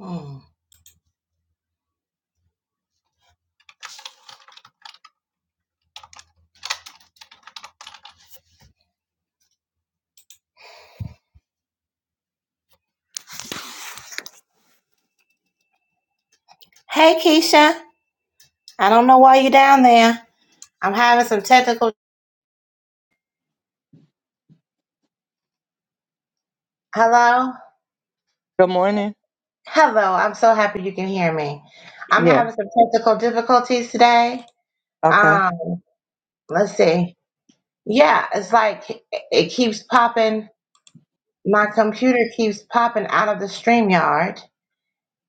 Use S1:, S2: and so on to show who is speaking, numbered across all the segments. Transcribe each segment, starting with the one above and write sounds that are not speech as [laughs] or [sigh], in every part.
S1: Hmm. Hey, Keisha. I don't know why you're down there. I'm having some technical. Hello?
S2: Good morning.
S1: Hello. I'm so happy you can hear me. I'm
S2: Yeah.
S1: having some technical difficulties today.
S2: Okay.
S1: Um, let's see. Yeah, it's like it it keeps popping. My computer keeps popping out of the streamyard.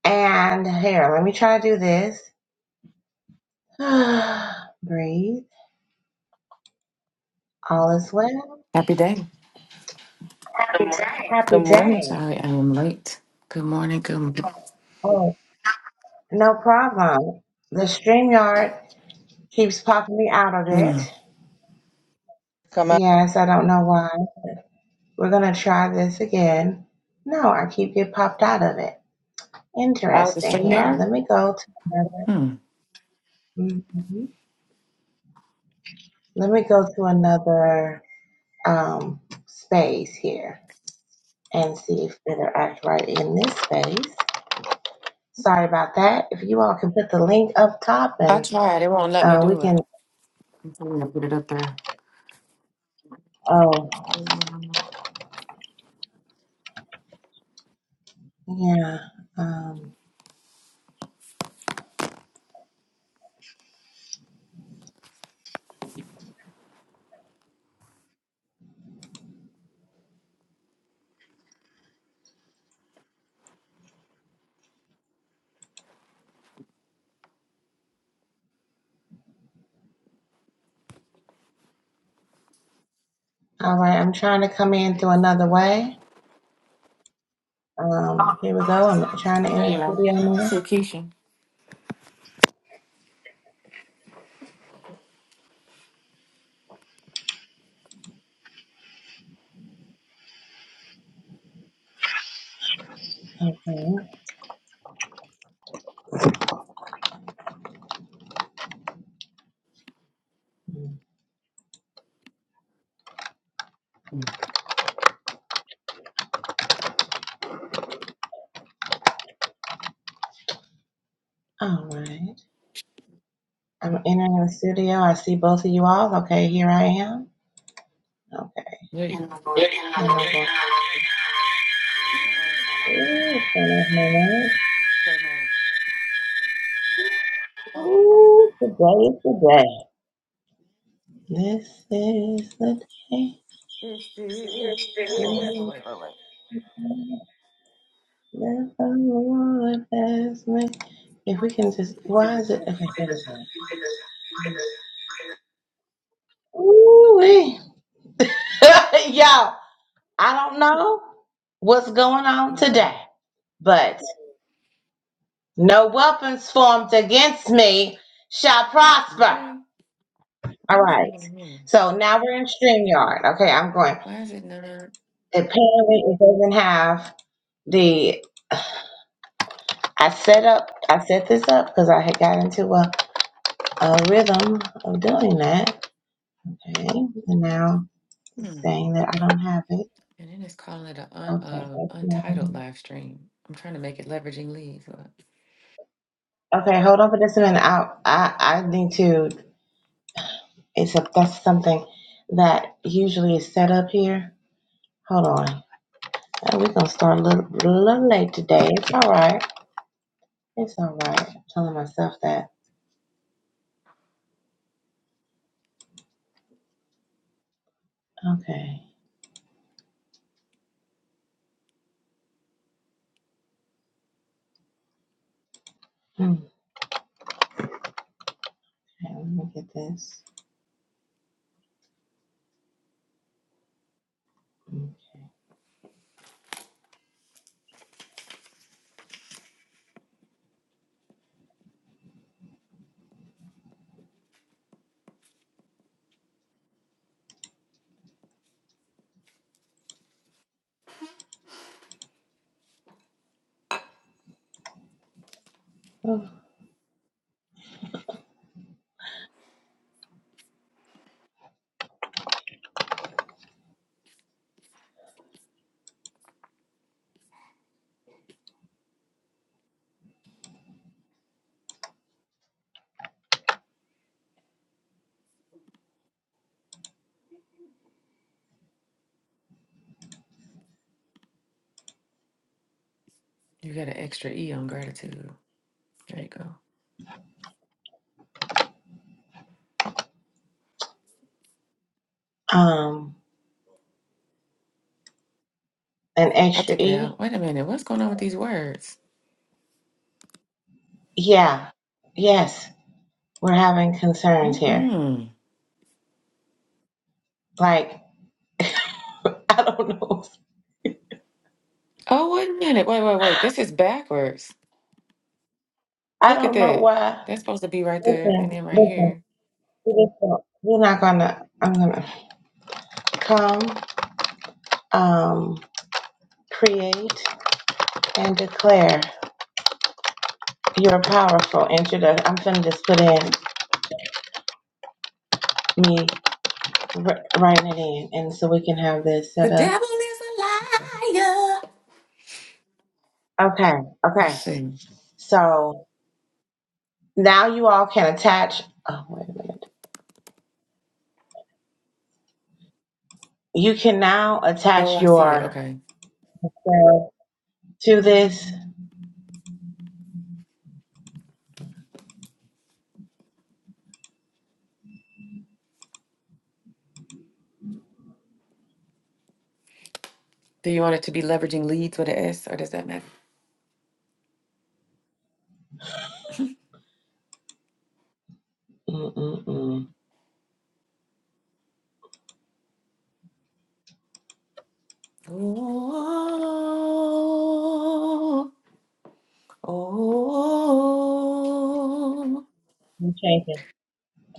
S1: And here, let me try to do this. [sighs] Breathe. All is well.
S3: Happy day.
S2: Good
S1: Happy
S2: morning.
S1: day.
S3: Sorry, I am late. Good morning. Good morning.
S1: Oh, no problem. The StreamYard Keeps popping me out of it.
S3: Mm.
S2: Come out.
S1: Yes, I don't know why. We're gonna try this again. No, I keep get popped out of it.
S3: Out the
S1: Interesting
S3: stream
S1: here.
S3: yard?
S1: Let me go to another.
S3: Hmm.
S1: mhm. Let me go to another um, space here and see if it'll act right in this space. Sorry about that. If you all can put the link up top
S3: I
S1: and
S3: tried. It won't let me
S1: uh, we
S3: do it.
S1: can.
S3: I'm trying to put it up there.
S1: Oh,
S3: Mm.
S1: yeah. Um, all right. I'm trying to come in through another way. Um, here we go. I'm trying to
S3: There
S1: enter
S3: you
S1: the
S3: go.
S1: studio
S3: I see Keisha.
S1: now. Okay. Mm. All right. I'm entering the studio. I see both of you all. Okay, here I am. Okay.
S3: There you go. Okay,
S1: And I'm going, to ooh,
S3: now.
S1: Ooh, today is the day. This is the day.
S3: It's the year-
S1: This
S3: oh,
S1: is
S3: wait, oh,
S1: the
S3: wait, oh.
S1: day that the Lord has made. If we can just, why is it? Okay, there we go. Ooh, [laughs] y'all, I don't know what's going on
S3: Mm.
S1: today. but no weapons formed against me shall prosper.
S3: Okay.
S1: All
S3: What is
S1: right.
S3: happening here?
S1: So now we're in StreamYard. Okay, I'm going.
S3: Why is it not?
S1: Apparently, it doesn't have the. I set up, I set this up because I had got into a, a rhythm of doing that. Okay, and now
S3: Hmm.
S1: it's
S3: And
S1: saying that I don't have it.
S3: then it's calling it an un,
S1: Okay,
S3: uh, untitled live stream. I'm trying to make it leveraging leads. Look,
S1: okay. Hold on for just a minute. I, I, I need to. It's a that's something that usually is set up here. Hold on. Uh, we're gonna start a little, little late today. It's all right. It's all right. I'm telling myself that. Okay. Hmm. Okay. Let me get this. Hmm.
S3: You got an extra E on gratitude. There you go.
S1: Um, an
S3: I
S1: extra
S3: took it
S1: E.
S3: out. Wait a minute. What's going on with these words?
S1: Yeah. Yes. We're having concerns here.
S3: Mm-mm.
S1: Like [laughs] I don't know.
S3: Oh, wait a minute. Wait, wait, wait. This is backwards.
S1: I
S3: Look at
S1: don't know
S3: that.
S1: why.
S3: That's supposed to be right there and
S1: Listen.
S3: then right
S1: Listen.
S3: here.
S1: We just don't- We're not gonna. I'm gonna come. Um. Create and declare. You're powerful. Introduction. I'm finna just put in me R- write it in, and so we can have this
S3: The
S1: set up.
S3: devil is a liar.
S1: Okay,
S3: Let's
S1: okay.
S3: see.
S1: So now you all can attach. Oh wait a minute. You can now
S3: Oh,
S1: attach
S3: I see it.
S1: your
S3: Okay.
S1: uh, to this.
S3: Do you want it to be leveraging leads with an S or does that matter?
S1: Mm-mm-mm.
S3: Oh, oh.
S1: We changed it.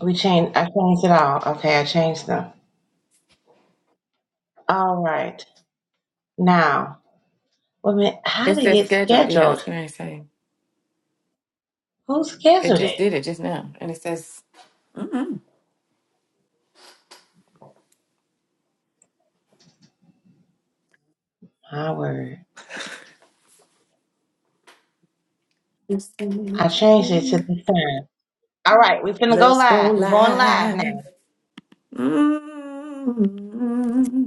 S1: We changed. I changed it all. Okay, I changed them. All right. Now, wait a minute. How
S3: It
S1: did it
S3: says
S1: get
S3: scheduled. Yeah, I was
S1: scheduled?
S3: going to say.
S1: Who
S3: It
S1: scheduled
S3: just
S1: it?
S3: did it just now. And it says, mm-mm.
S1: My word.
S3: Let's
S1: I changed it to this time. All right, we're finna go
S3: go
S1: live. We're going live now.
S3: live. Mm.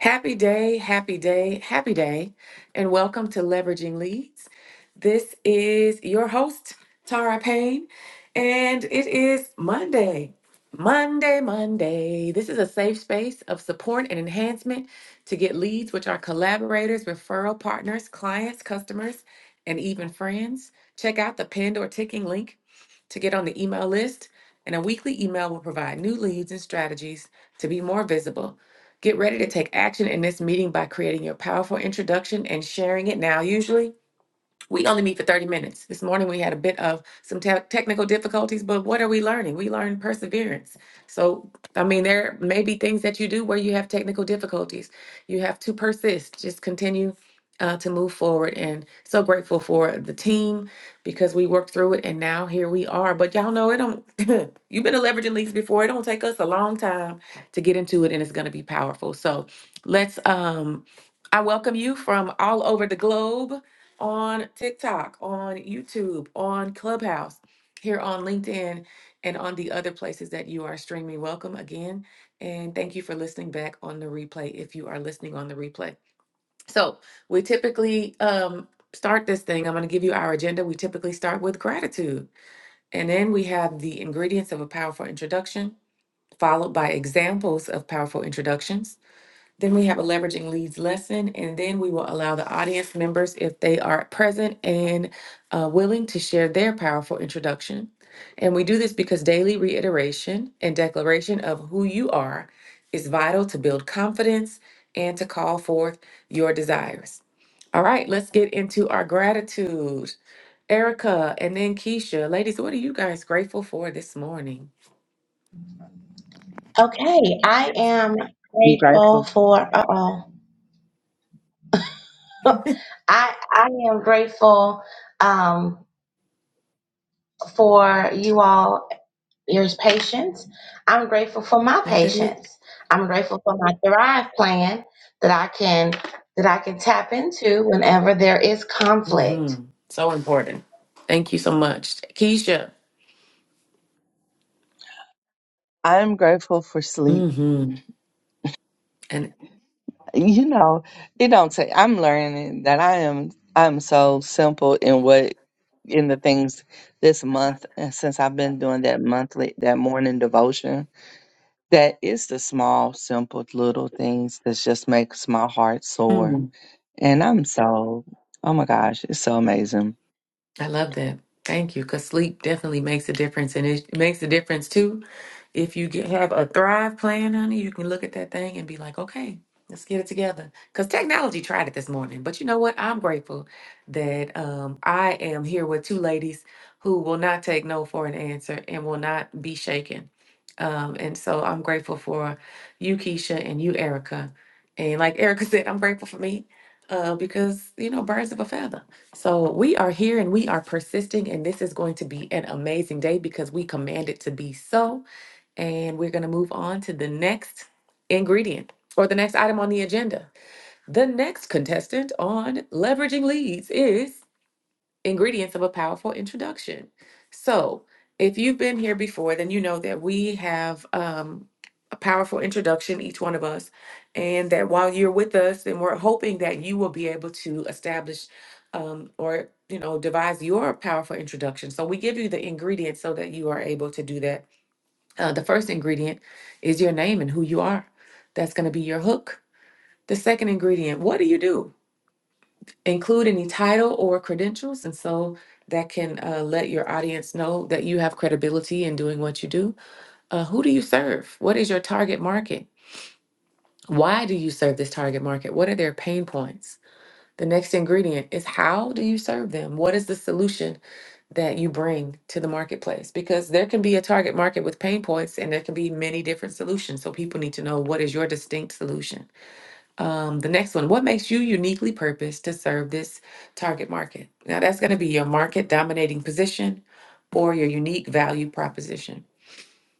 S3: Happy day, happy day, happy day, and welcome to Leveraging Leads. This is your host, Tara Payne, and it is Monday. Monday, Monday. This is a safe space of support and enhancement to get leads, which are collaborators, referral partners, clients, customers, and even friends. Check out the pinned or ticking link to get on the email list, and a weekly email will provide new leads and strategies to be more visible Get ready to take action in this meeting by creating your powerful introduction and sharing it now, usually. We only meet for 30 minutes. This morning we had a bit of some te- technical difficulties, but what are we learning? We learned perseverance. So, I mean, there may be things that you do where you have technical difficulties. You have to persist, just continue uh, to move forward. And so grateful for the team because we worked through it and now here we are. But y'all know it don't, [laughs] you've been to leveraging leads before. It don't take us a long time to get into it and it's going to be powerful. So, let's, um, I welcome you from all over the globe on TikTok, on YouTube, on Clubhouse, here on LinkedIn, and on the other places that you are streaming. Welcome again. And thank you for listening back on the replay if you are listening on the replay. So, we typically um, start this thing. I'm going to give you our agenda. We typically start with gratitude, and then we have the ingredients of a powerful introduction, followed by examples of powerful introductions. Then we have a leveraging leads lesson, and then we will allow the audience members, if they are present and uh, willing, to share their powerful introduction. And we do this because daily reiteration and declaration of who you are is vital to build confidence and to call forth your desires. All right, let's get into our gratitude. Erica and then Keisha, ladies, what are you guys grateful for this morning?
S1: Okay, I am
S2: I'm
S1: grateful
S2: grateful.
S1: for, uh-oh. [laughs] I I am grateful um for you all, your patience. I'm grateful for my
S3: Ain't that it?
S1: patience. I'm grateful for my Thrive plan that I can that I can tap into whenever there is conflict.
S3: Mm-hmm. So important. Thank you so much. Keisha.
S2: I'm grateful for sleep.
S3: Mm-hmm. And
S2: You know, it don't take. I'm learning that I am. I'm so simple in what in the things this month, and since I've been doing that monthly, that morning devotion, that it's the small, simple, little things that just makes my heart soar.
S3: mm,
S2: And I'm so. Oh my gosh, it's so amazing.
S3: I love that. Thank you. Because sleep definitely makes a difference. And it makes a difference too If you get, have a Thrive plan, honey, you can look at that thing and be like, okay, let's get it together. Because technology tried it this morning. But you know what? I'm grateful that um, I am here with two ladies who will not take no for an answer and will not be shaken. Um, and so I'm grateful for you, Keisha, and you, Erica. And like Erica [laughs] said, I'm grateful for me uh, because, you know, birds of a feather. So we are here and we are persisting, and this is going to be an amazing day because we command it to be so. And we're going to move on to the next ingredient or the next item on the agenda. The next contestant on leveraging leads is ingredients of a powerful introduction. So, if you've been here before, then you know that we have um, a powerful introduction, each one of us, and that while you're with us, then we're hoping that you will be able to establish um, or you know devise your powerful introduction. So we give you the ingredients so that you are able to do that uh, the first ingredient is your name and who you are. That's going to be your hook. The second ingredient, what do you do? Include any title or credentials. And so that can uh, let your audience know that you have credibility in doing what you do. Uh, who do you serve? What is your target market? Why do you serve this target market? What are their pain points? The next ingredient is how do you serve them? What is the solution that you bring to the marketplace because there can be a target market with pain points and there can be many different solutions. So people need to know what is your distinct solution. Um, the next one, what makes you uniquely purposed to serve this target market? Now that's going to be your market dominating position or your unique value proposition.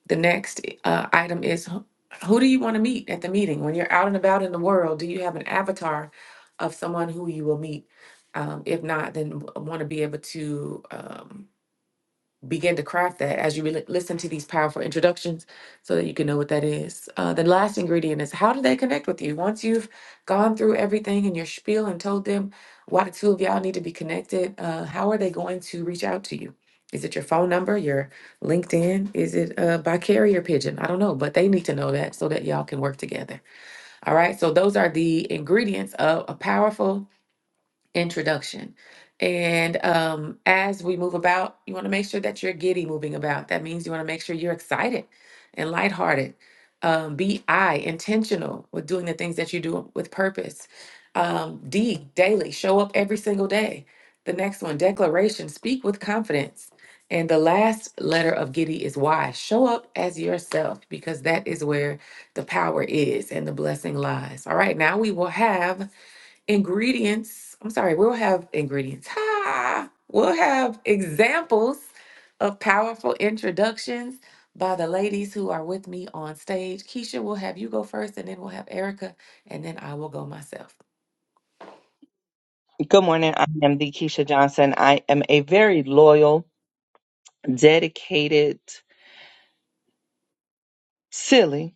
S3: The next uh, item is who who do you want to meet at the meeting? When you're out and about in the world, do you have an avatar of someone who you will meet? Um, if not, then want to be able to. Um, begin to craft that as you re- listen to these powerful introductions so that you can know what that is. Uh, the last ingredient is how do they connect with you? Once you've gone through everything in your spiel and told them why the two of y'all need to be connected, uh, how are they going to reach out to you? Is it your phone number, your LinkedIn? Is it uh, by carrier pigeon? I don't know, but they need to know that so that y'all can work together. All right, so those are the ingredients of a powerful introduction. And um, as we move about, you want to make sure that you're giddy moving about. That means you want to make sure you're excited and lighthearted. Um, be I intentional with doing the things that you do with purpose. Um, D daily, show up every single day. The next one, declaration, speak with confidence. And the last letter of giddy is Y. Show up as yourself because that is where the power is and the blessing lies. All right, now we will have ingredients. I'm sorry, we'll have ingredients. Ha! We'll have examples of powerful introductions by the ladies who are with me on stage. Keisha, we'll have you go first, and then we'll have Erica, and then I will go myself.
S2: Good morning. I am the Keisha Johnson. I am a very loyal. dedicated, silly.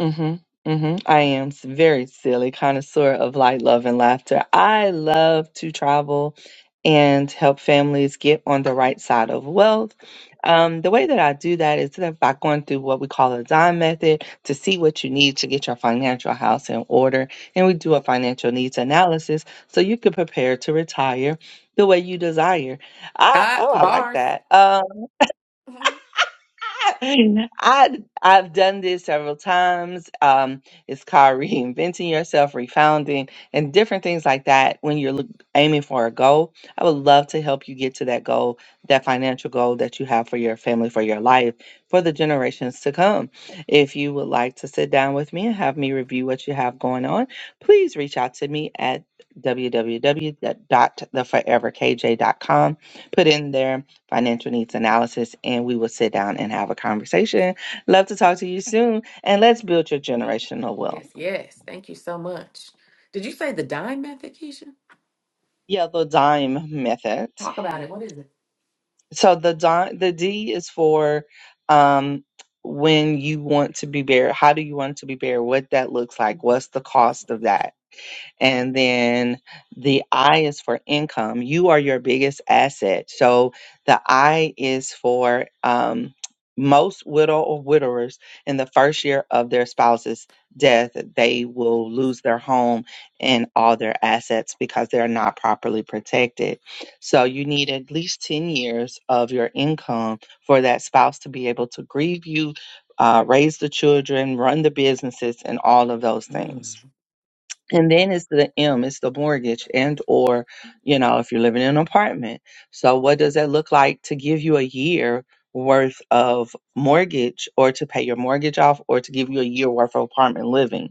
S2: hmm hmm I am s- very silly connoisseur of light, love, and laughter. I love to travel and help families get on the right side of wealth. Um, the way that I do that is that by going through what we call a dime method to see what you need to get your financial house in order. And we do a financial needs analysis so you can prepare to retire the way you desire. I,
S3: Ah,
S2: oh, I like
S3: bars.
S2: that. Um, I I've done this several times. Um, it's called reinventing yourself, refounding, and different things like that. When you're look, aiming for a goal, I would love to help you get to that goal, that financial goal that you have for your family, for your life, for the generations to come. If you would like to sit down with me and have me review what you have going on, please reach out to me at w w w dot the forever k j dot com. Put in there financial needs analysis, and we will sit down and have a conversation. Love to talk to you soon, and let's build your generational wealth.
S3: Yes, yes. Thank you so much. Did you say the dime method, Keisha?
S2: Yeah, the dime method.
S3: Talk about it. What is it?
S2: So the dime, the D is for um, when you want to be buried. How do you want to be buried? What that looks like?
S3: Mhm.
S2: What's the cost of that? And then the I is for income. You are your biggest asset. So the I is for um, most widow or widowers in the first year of their spouse's death, they will lose their home and all their assets because they're not properly protected. So you need at least 10 years of your income for that spouse to be able to grieve you, uh, raise the children, run the businesses, and all of those things.
S3: Mm.
S2: And then it's the M, it's the mortgage and or, you know, if you're living in an apartment. So what does that look like to give you a year worth of mortgage or to pay your mortgage off or to give you a year worth of apartment living?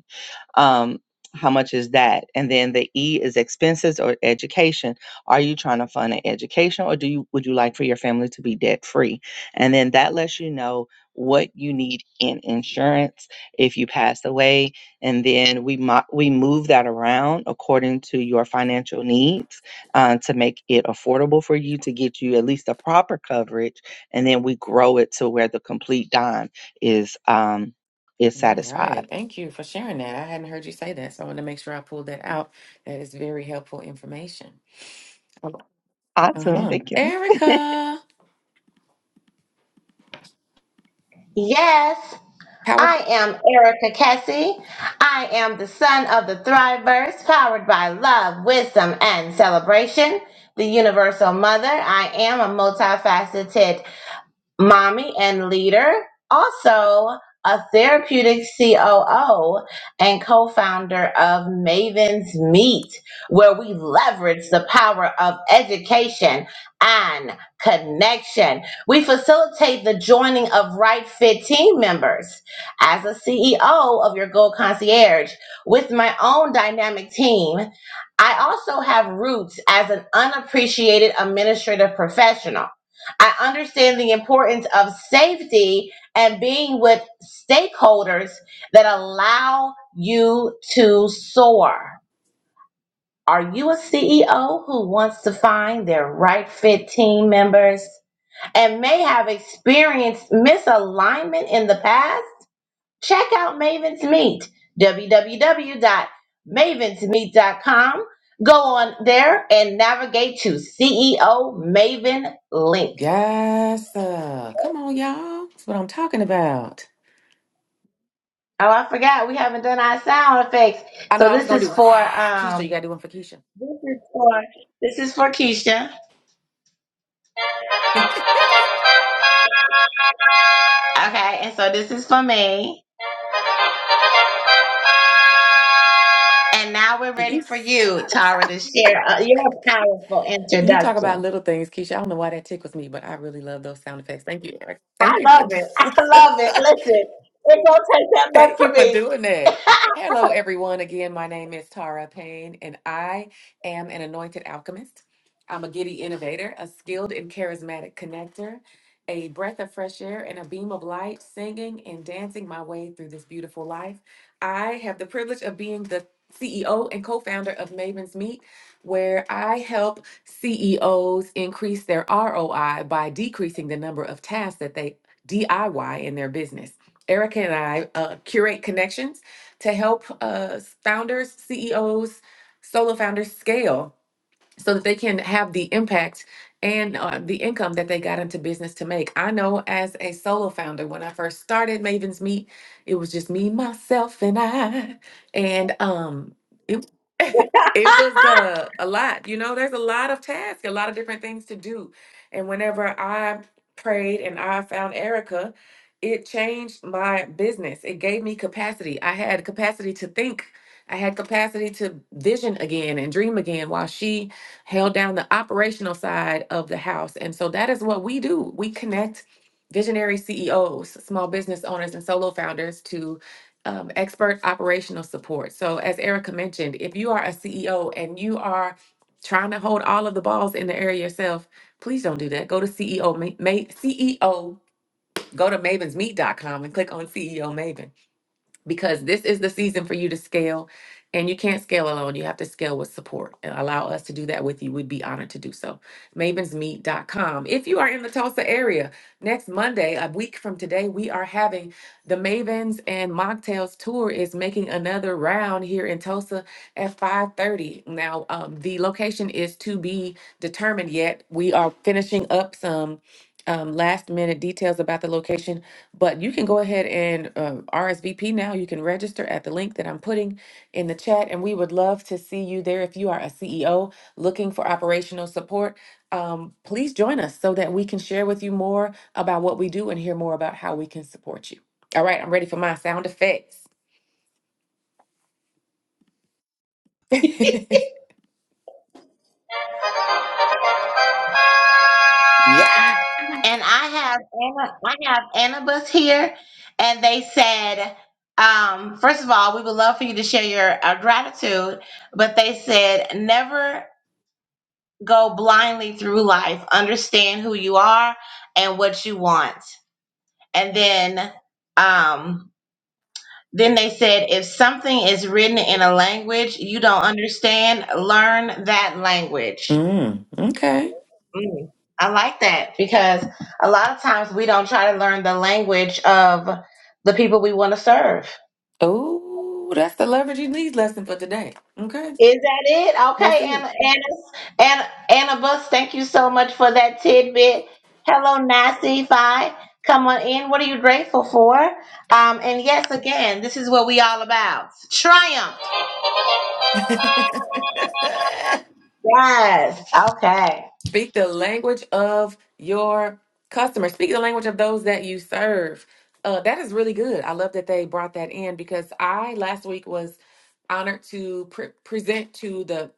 S2: um how much is that and then the e is expenses or education are you trying to fund an education or do you would you like for your family to be debt free and then that lets you know what you need in insurance if you passed away and then we mo- we move that around according to your financial needs uh, to make it affordable for you to get you at least the proper coverage and then we grow it to where the complete dime is um is
S3: All
S2: satisfied
S3: right. Thank you for sharing that. I hadn't heard you say that, so I want to make sure I pulled that out. That is very helpful information.
S2: awesome
S3: Uh-huh.
S2: thank you
S3: Erica.
S1: Yes,
S3: Power.
S1: I am Erica Kessie. I am the son of the Thriverse, powered by love, wisdom, and celebration. The Universal Mother. I am a multifaceted mommy and leader, also a therapeutic COO and co founder of Maven's Meet, where we leverage the power of education and connection. We facilitate the joining of right fit team members. As a CEO of your Gold Concierge with my own dynamic team, I also have roots as an unappreciated administrative professional. I understand the importance of safety and being with stakeholders that allow you to soar. Are you a CEO who wants to find their right fit team members and may have experienced misalignment in the past? Check out Maven's Meet, w w w dot mavens meet dot com. Go on there and navigate to CEO Maven link.
S3: Yes. Uh, come on, y'all. That's what I'm talking about.
S1: Oh, I forgot we haven't done our sound effects.
S3: I know
S1: So
S3: I was
S1: this
S3: gonna
S1: is
S3: do
S1: for
S3: [sighs] Keisha,
S1: um
S3: you gotta do one for Keisha.
S1: this is for this is for Keisha. Okay, and so this is for me. And now we're
S3: [laughs]
S1: ready
S3: you,
S1: for you, Tara, to share uh, your powerful
S3: you talk about
S1: introduction.
S3: little things, Keisha. I don't know why that tickles me, but I really love those sound effects. Thank you, Erica.
S1: I
S3: Thank you
S1: love it. I
S3: for
S1: love it.
S3: [laughs]
S1: Listen, it don't take that much
S3: Thank you
S1: for
S3: for
S1: me.
S3: doing that. Hello, everyone. Again, my name is Tara Payne, and I am an anointed alchemist. I'm a giddy innovator, a skilled and charismatic connector, a breath of fresh air, and a beam of light, singing and dancing my way through this beautiful life. I have the privilege of being the CEO and co founder of Maven's Meet, where I help CEOs increase their ROI by decreasing the number of tasks that they DIY in their business. Erica and I uh, curate connections to help uh, founders, CEOs, solo founders scale so that they can have the impact and uh, the income that they got into business to make. I know as a solo founder, when I first started Maven's Meet, it was just me, myself, and I, and um, it [laughs] it was uh, a lot. You know, there's a lot of tasks, a lot of different things to do, and whenever I prayed and I found Erica. It changed my business. It gave me capacity. I had capacity to think. I had capacity to vision again and dream again while she held down the operational side of the house. And so that is what we do. We connect visionary CEOs, small business owners, and solo founders to um, expert operational support. So, as Erica mentioned, if you are a CEO and you are trying to hold all of the balls in the air yourself, please don't do that. Go to CEO, Ma- Ma- CEO, go to mavens meet dot com and click on CEO Maven because this is the season for you to scale and you can't scale alone you have to scale with support and allow us to do that with you we'd be honored to do so mavensmeet.com if you are in the tulsa area next monday a week from today we are having the mavens and mocktails tour is making another round here in tulsa at 5.30 now um, the location is to be determined yet we are finishing up some um, last minute details about the location but you can go ahead and uh, RSVP now. You can register at the link that I'm putting in the chat, and we would love to see you there. If you are a CEO looking for operational support, um, please join us so that we can share with you more about what we do and hear more about how we can support you. All right, I'm ready for my sound effects. [laughs] mm,
S1: And I have Anna, I have Annabus here, and they said, um, first of all, we would love for you to share your uh, gratitude, but they said never go blindly through life. Understand who you are and what you want. And then, um, then they said if something is written in a language you don't understand, learn that language.
S3: okay.
S1: Mm, I like that because a lot of times we don't try to learn the language of the people we want to serve.
S3: Oh, that's the leveraging leads lesson for today. Okay.
S1: Is that it?
S3: That's
S1: Okay,
S3: see.
S1: Anna, Anna, Anna, Anna Bus, thank you so much for that tidbit. Hello, Nasi. Fi. Come on in. What are you grateful for? Um, and yes, again, this is what we all about. Triumph.
S3: [laughs]
S1: Yes. Okay.
S3: Speak the language of your customers. Speak the language of those that you serve. Uh, that is really good. I love that they brought that in because I last week was honored to pre- present to the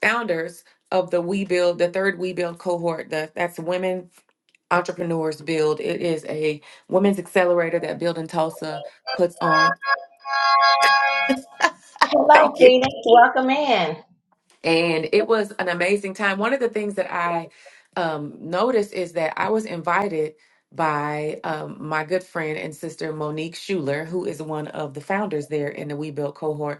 S3: founders of the We Build, the third We Build cohort. The, that's women entrepreneurs build. It is a women's accelerator that Build in Tulsa puts on.
S1: Hello,
S3: Thank you.
S1: Phoenix. Welcome in.
S3: and it
S1: Thank
S3: was an amazing time. One of the things that I um, noticed is that I was invited by um, my good friend and sister Monique Schuler, who is one of the founders there in the We Built cohort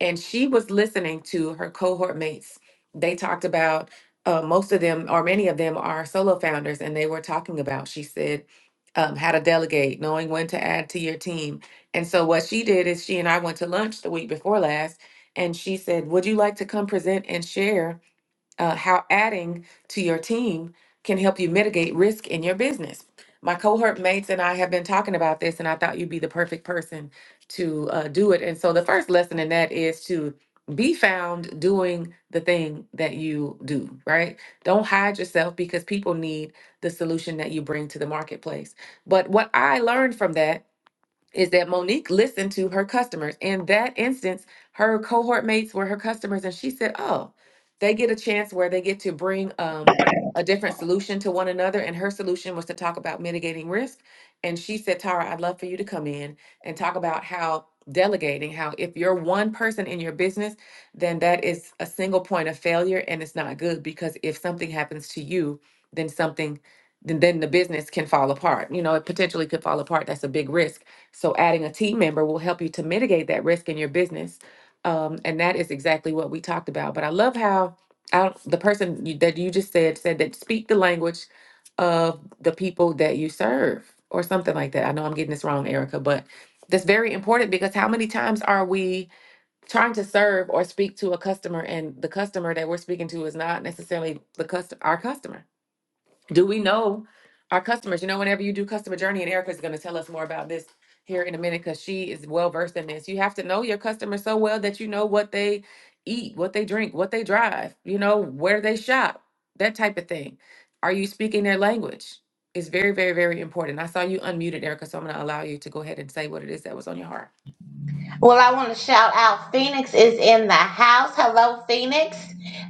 S3: and she was listening to her cohort mates. They talked about uh, most of them, or many of them, are solo founders, and they were talking about. She said um, how to delegate, knowing when to add to your team. And so what she did is she and I went to lunch the week before last, and she said, "Would you like to come present and share?" uh, how adding to your team can help you mitigate risk in your business. My cohort mates and I have been talking about this, and I thought you'd be the perfect person to uh, do it. And so the first lesson in that is to be found doing the thing that you do, right? Don't hide yourself because people need the solution that you bring to the marketplace. But what I learned from that is that Monique listened to her customers. In that instance, her cohort mates were her customers, and she said, "Oh, they get a chance where they get to bring um, a different solution to one another." And her solution was to talk about mitigating risk. And she said, "Tara, I'd love for you to come in and talk about how." Delegating, how if you're one person in your business, then that is a single point of failure and it's not good because if something happens to you, then something, then, then the business can fall apart. You know, it potentially could fall apart. That's a big risk. So adding a team member will help you to mitigate that risk in your business. Um, and that is exactly what we talked about. But I love how I, don't- the person you, that you just said said that speak the language of the people that you serve or something like that. I know I'm getting this wrong, Erica, but that's very important because how many times are we trying to serve or speak to a customer and the customer that we're speaking to is not necessarily the custom our customer? do we know our customers? You know, whenever you do customer journey, and Erica's going to tell us more about this here in a minute because she is well versed in this. You have to know your customers so well that you know what they eat, what they drink, what they drive, you know, where they shop, that type of thing. Are you speaking their language? It's very, very, very important. I saw you unmuted, Erica, so I'm going to allow you to go ahead and say what it is that was on your heart.
S1: Well, I want to shout out Phoenix is in the house. Hello, Phoenix.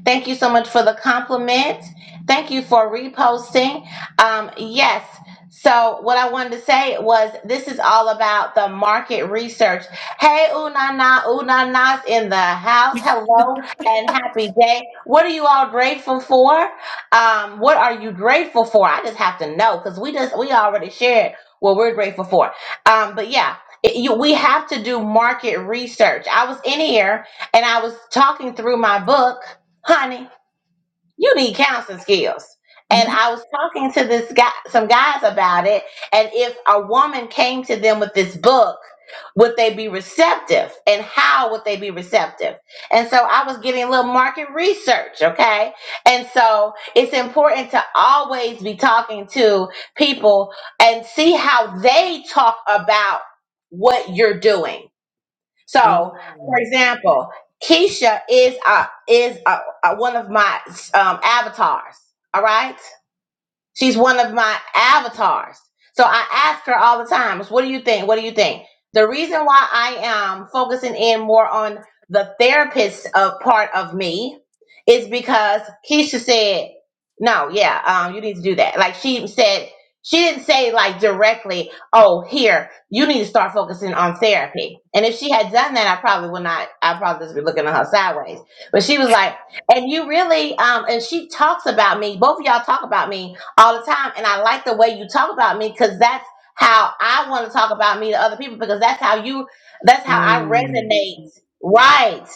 S1: Thank you so much for the compliment. Thank you for reposting. Um, yes. So, what I wanted to say was this is all about the market research. Hey, Unana, Unana's in the house. Hello and happy day. What are you all grateful for? Um, what are you grateful for? I just have to know because we just we already shared what we're grateful for. Um, but yeah, it- you, we have to do market research. I was in here and I was talking through my book, honey you need counseling skills. And I was talking to this guy, some guys about it. And if a woman came to them with this book, would they be receptive? And how would they be receptive? And so I was getting a little market research, okay? And so it's important to always be talking to people and see how they talk about what you're doing so, for
S3: Mm,
S1: example, Keisha is uh is uh uh one of my um, avatars. All right. She's one of my avatars. So I ask her all the time, what do you think? What do you think? The reason why I am focusing in more on the therapist of part of me is because Keisha said, no, yeah, um, you need to do that. Like she said, she didn't say like directly, oh, here, you need to start focusing on therapy. And if she had done that, I probably would not, I probably just be looking at her sideways. But she was like, and you really, um, and she talks about me, both of y'all talk about me all the time. And I like the way you talk about me because that's how I want to talk about me to other people because that's how you, that's how I
S3: mm,
S1: resonate. Right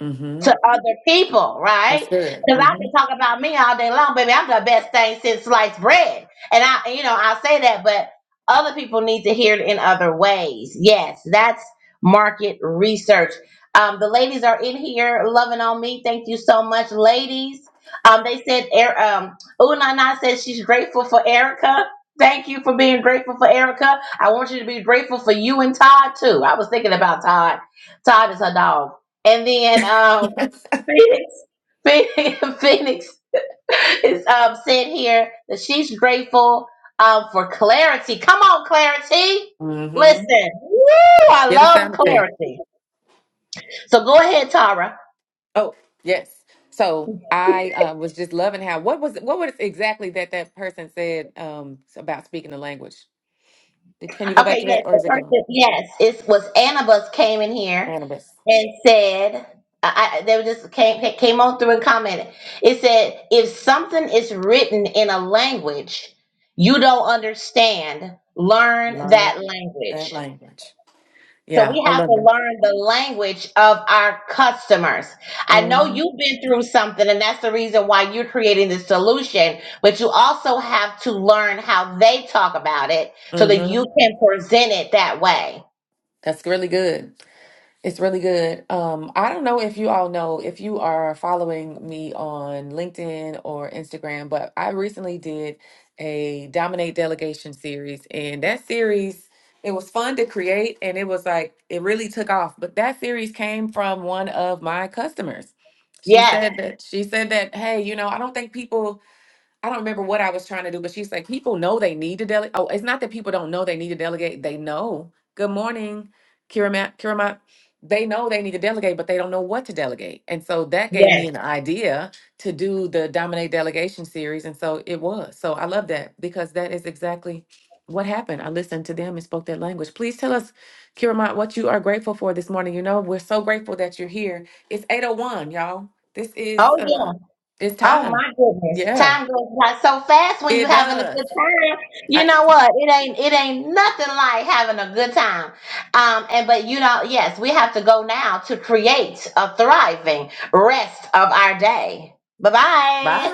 S3: mm-hmm.
S1: to other people,
S3: That's
S1: right?
S3: good.
S1: Because I
S3: Mm-hmm.
S1: can talk about me all day long, baby. I'm the best thing since sliced bread, and I, you know, I say that, but other people need to hear it in other ways. Yes, that's market research. Um, the ladies are in here loving on me. Thank you so much, ladies. Um, they said, Er- um, Unana says she's grateful for Erica. Thank you for being grateful for Erica. I want you to be grateful for you and Todd too. I was thinking about Todd. Todd is her dog. And then um,
S3: [laughs]
S1: Phoenix. Phoenix [laughs] Phoenix is um, saying here that she's grateful um, for clarity. Come on, clarity.
S3: Mm-hmm.
S1: Listen, woo, I
S3: Get a
S1: love
S3: sound effect.
S1: clarity. So go ahead, Tara.
S3: Oh, yes. So I uh, was just loving how what was what was exactly that that person said um, about speaking the language. Did- Can you go
S1: Okay,
S3: back to that,
S1: yes,
S3: or
S1: the
S3: is it gone?
S1: person, yes, it was Annabus came in here
S3: Annabeth,
S1: and said, I, I- they were just came came on through and commented. It said, if something is written in a language you don't understand, learn that
S3: learn
S1: language.
S3: that language.
S1: So
S3: Yeah,
S1: we
S3: I
S1: have to
S3: love it.
S1: learn the language of our customers. I know
S3: hmm
S1: you've been through something, and that's the reason why you're creating the solution, but you also have to learn how they talk about it so that you
S3: hmm
S1: can present it that way.
S3: That's really good. It's really good. Um, I don't know if you all know if you are following me on LinkedIn or Instagram, but I recently did a Dominate Delegation series, and that series it was fun to create, and it was like it really took off. But that series came from one of my customers. She
S1: Yes,
S3: said that she said that, hey, you know, I don't think people I don't remember what I was trying to do, but she's like, people know they need to delegate. Oh, it's not that people don't know they need to delegate. They know. Good morning, Kiramat. Kiramat. They know they need to delegate, but they don't know what to delegate. And so that gave
S1: yes.
S3: me an idea to do the Dominate Delegation series. And so it was. So I love that because that is exactly what happened. I listened to them and spoke that language. Please tell us, Kiramat, what you are grateful for this morning. You know, we're so grateful that you're here. It's 801, y'all. This is
S1: Oh, yeah.
S3: uh it's
S1: Oh
S3: time.
S1: my goodness.
S3: Yeah.
S1: Time goes by so fast when you're
S3: It
S1: having a
S3: does.
S1: good time. You
S3: I,
S1: know what? It ain't it ain't nothing like having a good time. Um and but you know, yes, we have to go now to create a thriving rest of our day. Bye-bye.
S3: bye.